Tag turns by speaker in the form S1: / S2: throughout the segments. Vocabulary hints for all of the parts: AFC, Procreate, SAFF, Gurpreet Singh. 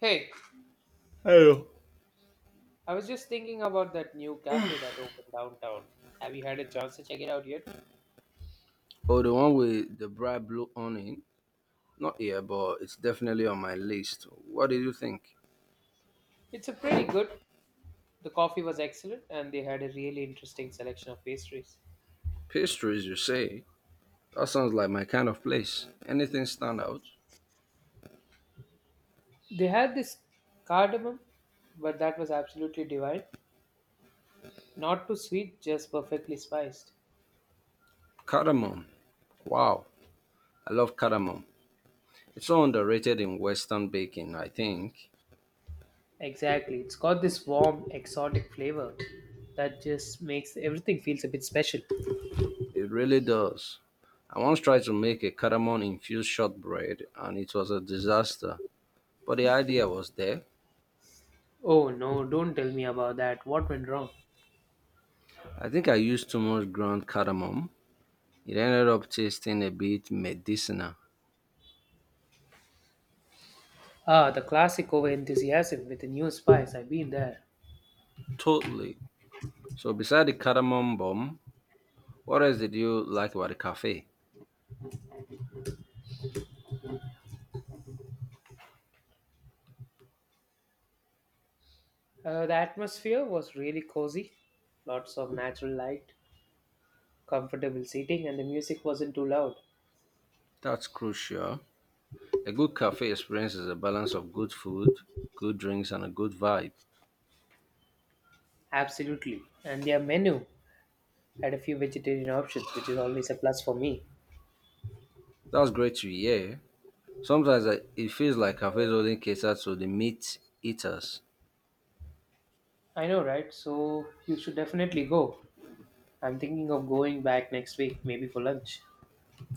S1: Hey,
S2: Hello.
S1: I was just thinking about that new cafe that opened downtown. Have you had a chance to check it out yet?
S2: Oh, the one with the bright blue awning? Not here, but it's definitely on my list. What did you think?
S1: It's a pretty good. The coffee was excellent and they had a really interesting selection of pastries.
S2: Pastries, you say? That sounds like my kind of place. Anything stand out?
S1: They had this cardamom, but that was absolutely divine. Not too sweet, just perfectly spiced.
S2: Cardamom. Wow, I love cardamom. It's so underrated in Western baking, I think.
S1: Exactly. It's got this warm, exotic flavor that just makes everything feels a bit special.
S2: It really does. I once tried to make a cardamom infused shortbread and it was a disaster, but the idea was there.
S1: Oh no, don't tell me about that. What went wrong?
S2: I think I used too much ground cardamom. It ended up tasting a bit medicinal.
S1: Ah, the classic over enthusiasm with a new spice. I've been there.
S2: Totally. So, beside the cardamom bomb, what else did you like about the cafe?
S1: The atmosphere was really cozy, lots of natural light, comfortable seating, and the music wasn't too loud.
S2: That's crucial. A good cafe experience is a balance of good food, good drinks, and a good vibe.
S1: Absolutely. And their menu had a few vegetarian options, which is always a plus for me.
S2: That's great to hear. Sometimes it feels like cafes only cater to the meat eaters.
S1: I know, right? So you should definitely go. I'm thinking of going back next week, maybe for lunch.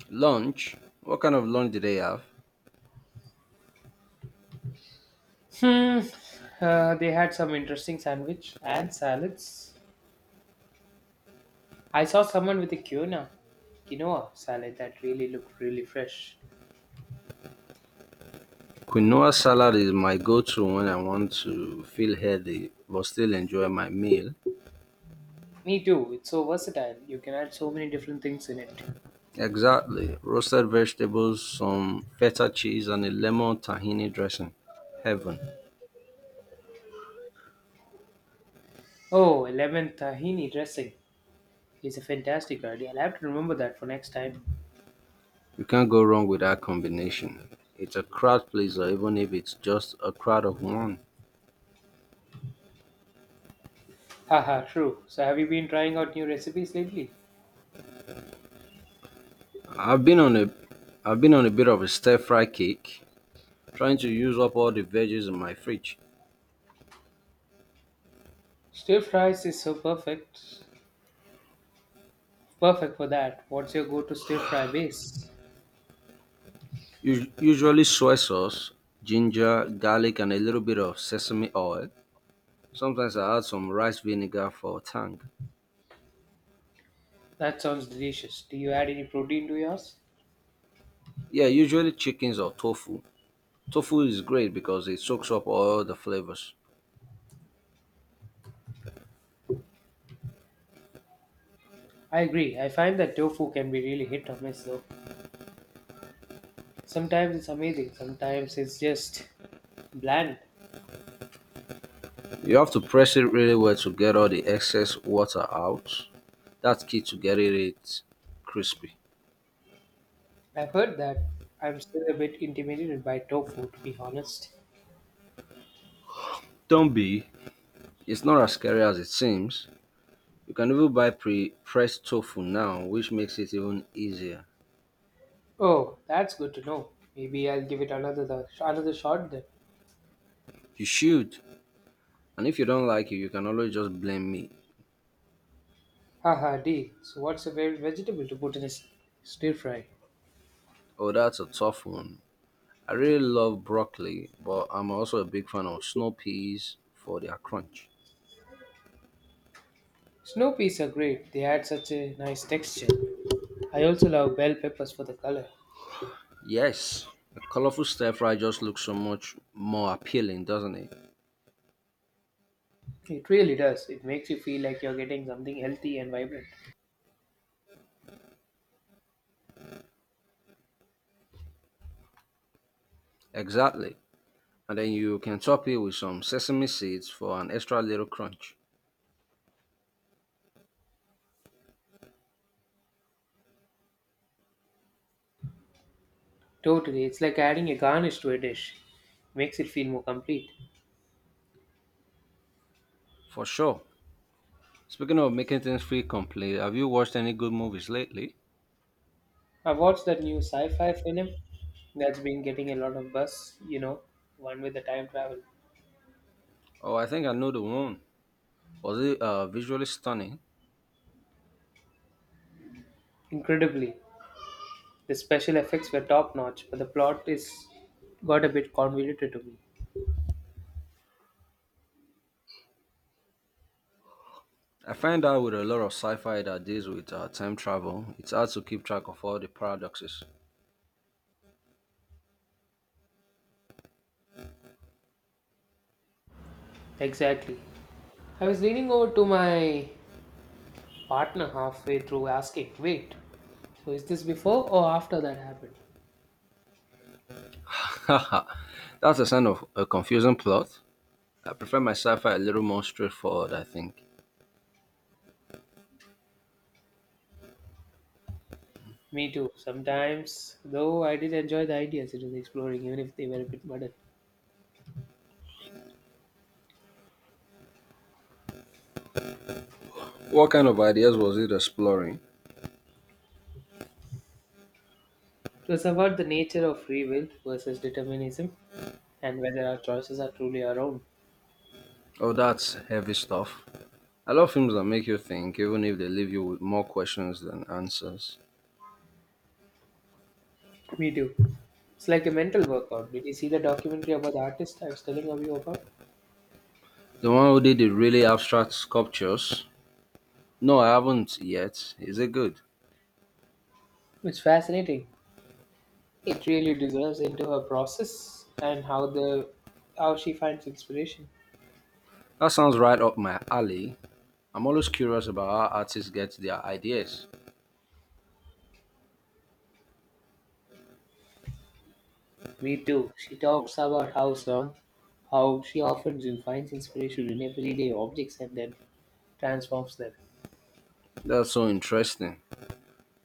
S2: Lunch? What kind of lunch did they have?
S1: Hmm. They had some interesting sandwich and salads. I saw someone with a quinoa salad that really looked really fresh.
S2: Quinoa salad is my go to when I want to feel healthy but still enjoy my meal.
S1: Me too. It's so versatile. You can add so many different things in it.
S2: Exactly. Roasted vegetables, some feta cheese, and a lemon tahini dressing. Heaven.
S1: Oh, lemon tahini dressing is a fantastic idea. I'll have to remember that for next time.
S2: You can't go wrong with that combination. It's a crowd pleaser, even if it's just a crowd of one.
S1: Haha, true. So, have you been trying out new recipes lately?
S2: I've been on a, I've been on a bit of a stir fry kick, trying to use up all the veggies in my fridge.
S1: Stir fries is so perfect. Perfect for that. What's your go to stir fry base?
S2: Usually soy sauce, ginger, garlic, and a little bit of sesame oil. Sometimes I add some rice vinegar for a tang.
S1: That sounds delicious. Do you add any protein to yours?
S2: Yeah, usually chickens or tofu. Tofu is great because it soaks up all the flavors.
S1: I agree. I find that tofu can be really hit or miss though. Sometimes it's amazing, sometimes it's just bland.
S2: You have to press it really well to get all the excess water out. That's key to getting it crispy.
S1: I've heard that. I'm still a bit intimidated by tofu, to be honest.
S2: Don't be. It's not as scary as it seems. You can even buy pre-pressed tofu now, which makes it even easier.
S1: Oh, that's good to know. Maybe I'll give it another shot then.
S2: You should. And if you don't like it, you can always just blame me.
S1: Haha, deal. So, what's a favorite vegetable to put in a stir fry?
S2: Oh, that's a tough one. I really love broccoli, but I'm also a big fan of snow peas for their crunch.
S1: Snow peas are great. They add such a nice texture. I also love bell peppers for the color.
S2: Yes, a colorful stir fry just looks so much more appealing, doesn't it?
S1: It really does. It makes you feel like you're getting something healthy and vibrant.
S2: Exactly. And then you can top it with some sesame seeds for an extra little crunch.
S1: Totally. It's like adding a garnish to a dish. Makes it feel more complete.
S2: For sure. Speaking of making things feel complete, have you watched any good movies lately?
S1: I watched that new sci-fi film that's been getting a lot of buzz, you know, one with the time travel.
S2: Oh, I think I know the one. Was it visually stunning?
S1: Incredibly, the special effects were top notch, but the plot is got a bit convoluted to me.
S2: I find out with a lot of sci-fi that deals with time travel, it's hard to keep track of all the paradoxes.
S1: Exactly. I was leaning over to my partner halfway through asking, "Wait, so is this before or after that happened?"
S2: That's a sign of a confusing plot. I prefer my sci-fi a little more straightforward, I think.
S1: Me too. Sometimes, though, I did enjoy the ideas it was exploring, even if they were a bit muddled.
S2: What kind of ideas was it exploring?
S1: It was about the nature of free will versus determinism and whether our choices are truly our own.
S2: Oh, that's heavy stuff. I love films that make you think, even if they leave you with more questions than answers.
S1: We do. It's like a mental workout. Did you see the documentary about the artist I was telling you about?
S2: The one who did the really abstract sculptures? No, I haven't yet. Is it good?
S1: It's fascinating. It really deserves into her process and how she finds inspiration.
S2: That sounds right up my alley. I'm always curious about how artists get their ideas.
S1: Me too. She talks about how she often finds inspiration in everyday objects and then transforms them.
S2: That's so interesting.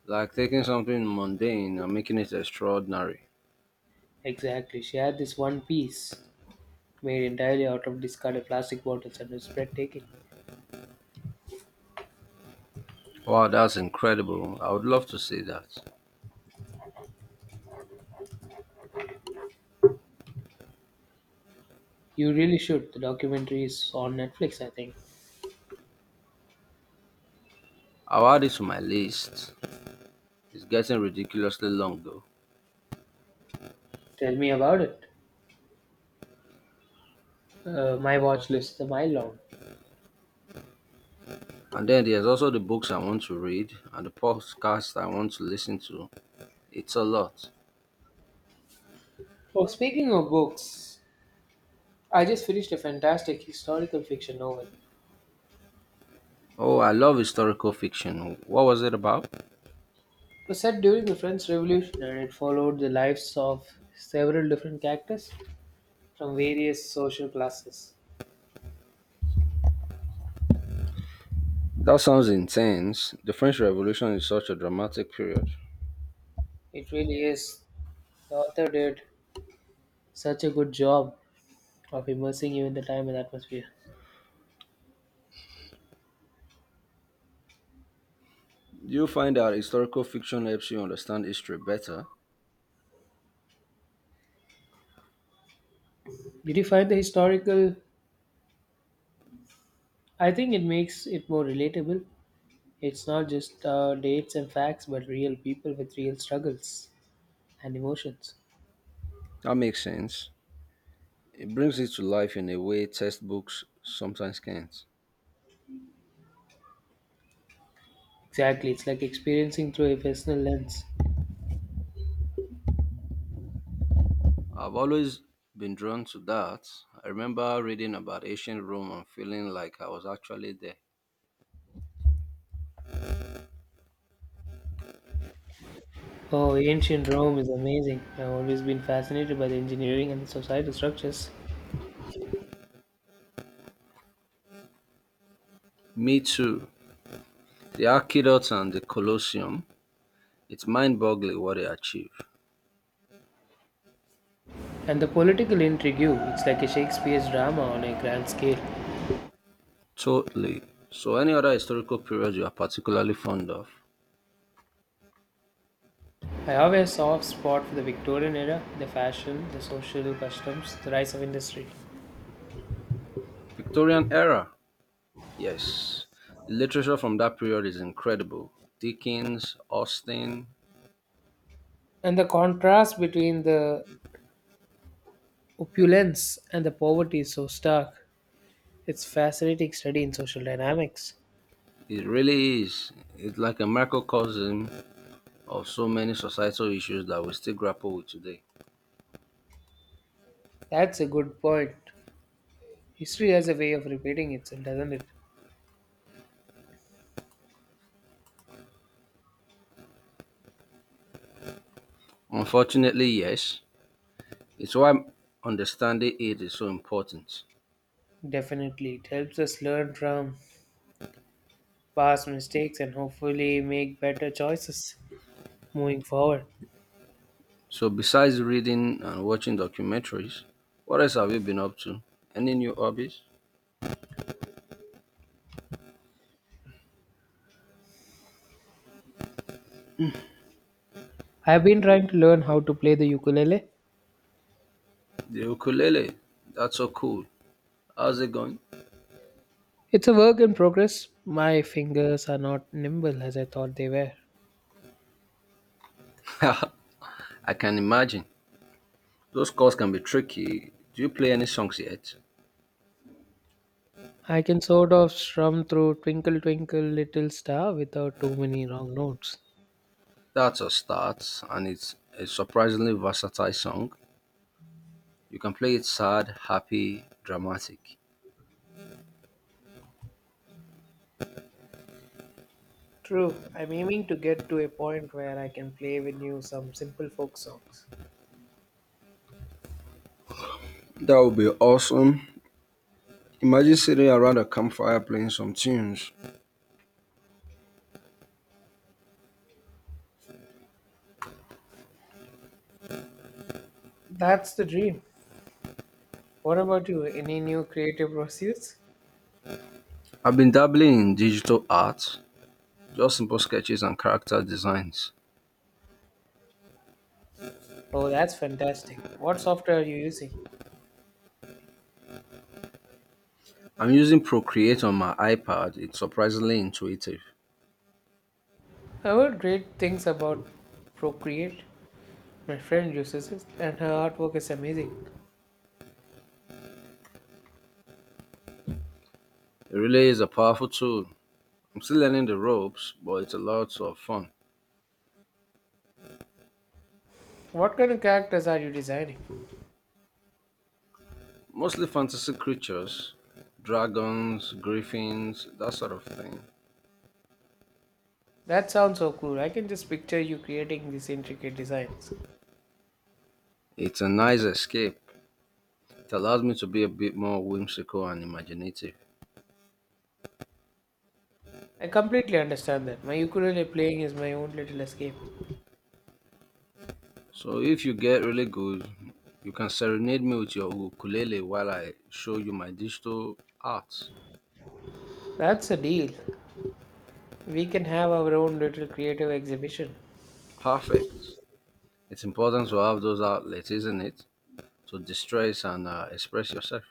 S2: Like taking something mundane and making it extraordinary.
S1: Exactly. She had this one piece made entirely out of discarded plastic bottles and it's breathtaking.
S2: Wow, that's incredible. I would love to see that.
S1: You really should. The documentary is on Netflix, I think.
S2: I'll add it to my list. It's getting ridiculously long though.
S1: Tell me about it. My watch list is a mile long.
S2: And then there's also the books I want to read and the podcasts I want to listen to. It's a lot.
S1: Oh, speaking of books, I just finished a fantastic historical fiction novel.
S2: Oh, I love historical fiction. What was it about?
S1: It was set during the French Revolution and it followed the lives of several different characters from various social classes.
S2: That sounds intense. The French Revolution is such a dramatic period.
S1: It really is. The author did such a good job of immersing you in the time and atmosphere.
S2: Do you find that historical fiction helps you understand history better?
S1: Did you find the historical? I think it makes it more relatable. It's not just dates and facts, but real people with real struggles and emotions.
S2: That makes sense. It brings it to life in a way textbooks sometimes can't.
S1: Exactly, it's like experiencing through a personal lens.
S2: I've always been drawn to that. I remember reading about ancient Rome and feeling like I was actually there.
S1: Oh, ancient Rome is amazing. I've always been fascinated by the engineering and the societal structures
S2: Me too. The Aqueduct and the Colosseum, it's mind-boggling what they achieved.
S1: and the political intrigue. It's like a Shakespeare's drama on a grand scale.
S2: Totally. So any other historical period you are particularly fond of?
S1: I have a soft spot for the Victorian era, the fashion, the social customs, the rise of industry.
S2: Victorian era. Yes. The literature from that period is incredible. Dickens, Austen,
S1: And the contrast between the opulence and the poverty is so stark. It's fascinating study in social dynamics.
S2: it really is. It's like a microcosm of so many societal issues that we still grapple with today.
S1: That's a good point. History has a way of repeating itself, doesn't it?
S2: Unfortunately, yes. It's why understanding it is so important.
S1: Definitely. It helps us learn from past mistakes and hopefully make better choices moving forward.
S2: So, besides reading and watching documentaries, what else have you been up to? Any new hobbies?
S1: I've been trying to learn how to play the ukulele.
S2: The ukulele. That's so cool. How's it going?
S1: It's a work in progress. My fingers are not nimble as I thought they were.
S2: I can imagine. Those chords can be tricky. Do you play any songs yet?
S1: I can sort of strum through Twinkle Twinkle Little Star without too many wrong notes.
S2: That's a start, and it's a surprisingly versatile song. You can play it sad, happy, dramatic.
S1: True. I'm aiming to get to a point where I can play with you some simple folk songs.
S2: That would be awesome. Imagine sitting around a campfire playing some tunes.
S1: That's the dream. What about you? Any new creative pursuits?
S2: I've been dabbling in digital art, just simple sketches and character designs.
S1: Oh, that's fantastic. What software are you using?
S2: I'm using Procreate on my iPad. It's surprisingly intuitive.
S1: I heard great things about Procreate. My friend uses it, and her artwork is amazing.
S2: It really is a powerful tool. I'm still learning the ropes, but it's a lot of fun.
S1: What kind of characters are you designing?
S2: Mostly fantasy creatures, dragons, griffins, that sort of thing.
S1: That sounds so cool. I can just picture you creating these intricate designs.
S2: It's a nice escape. It allows me to be a bit more whimsical and imaginative.
S1: I completely understand that. My ukulele playing is my own little escape.
S2: So if you get really good, you can serenade me with your ukulele while I show you my digital art.
S1: That's a deal. We can have our own little creative exhibition.
S2: Perfect. It's important to have those outlets, isn't it? To distress and express yourself.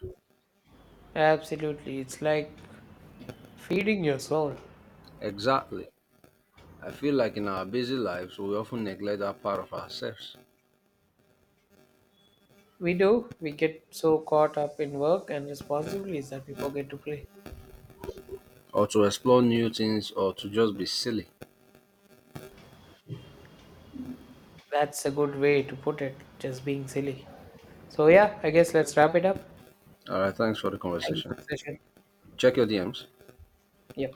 S1: Absolutely. It's like feeding your soul.
S2: Exactly. I feel like in our busy lives, we often neglect that part of ourselves,
S1: We do. We get so caught up in work and responsibilities that we forget to play.
S2: or to explore new things, or to just be silly.
S1: That's a good way to put it, just being silly. So, yeah, I guess let's wrap it up.
S2: All right, thanks for the
S1: Thank you for
S2: conversation.
S1: the session.
S2: Check your DMs.
S1: Yep.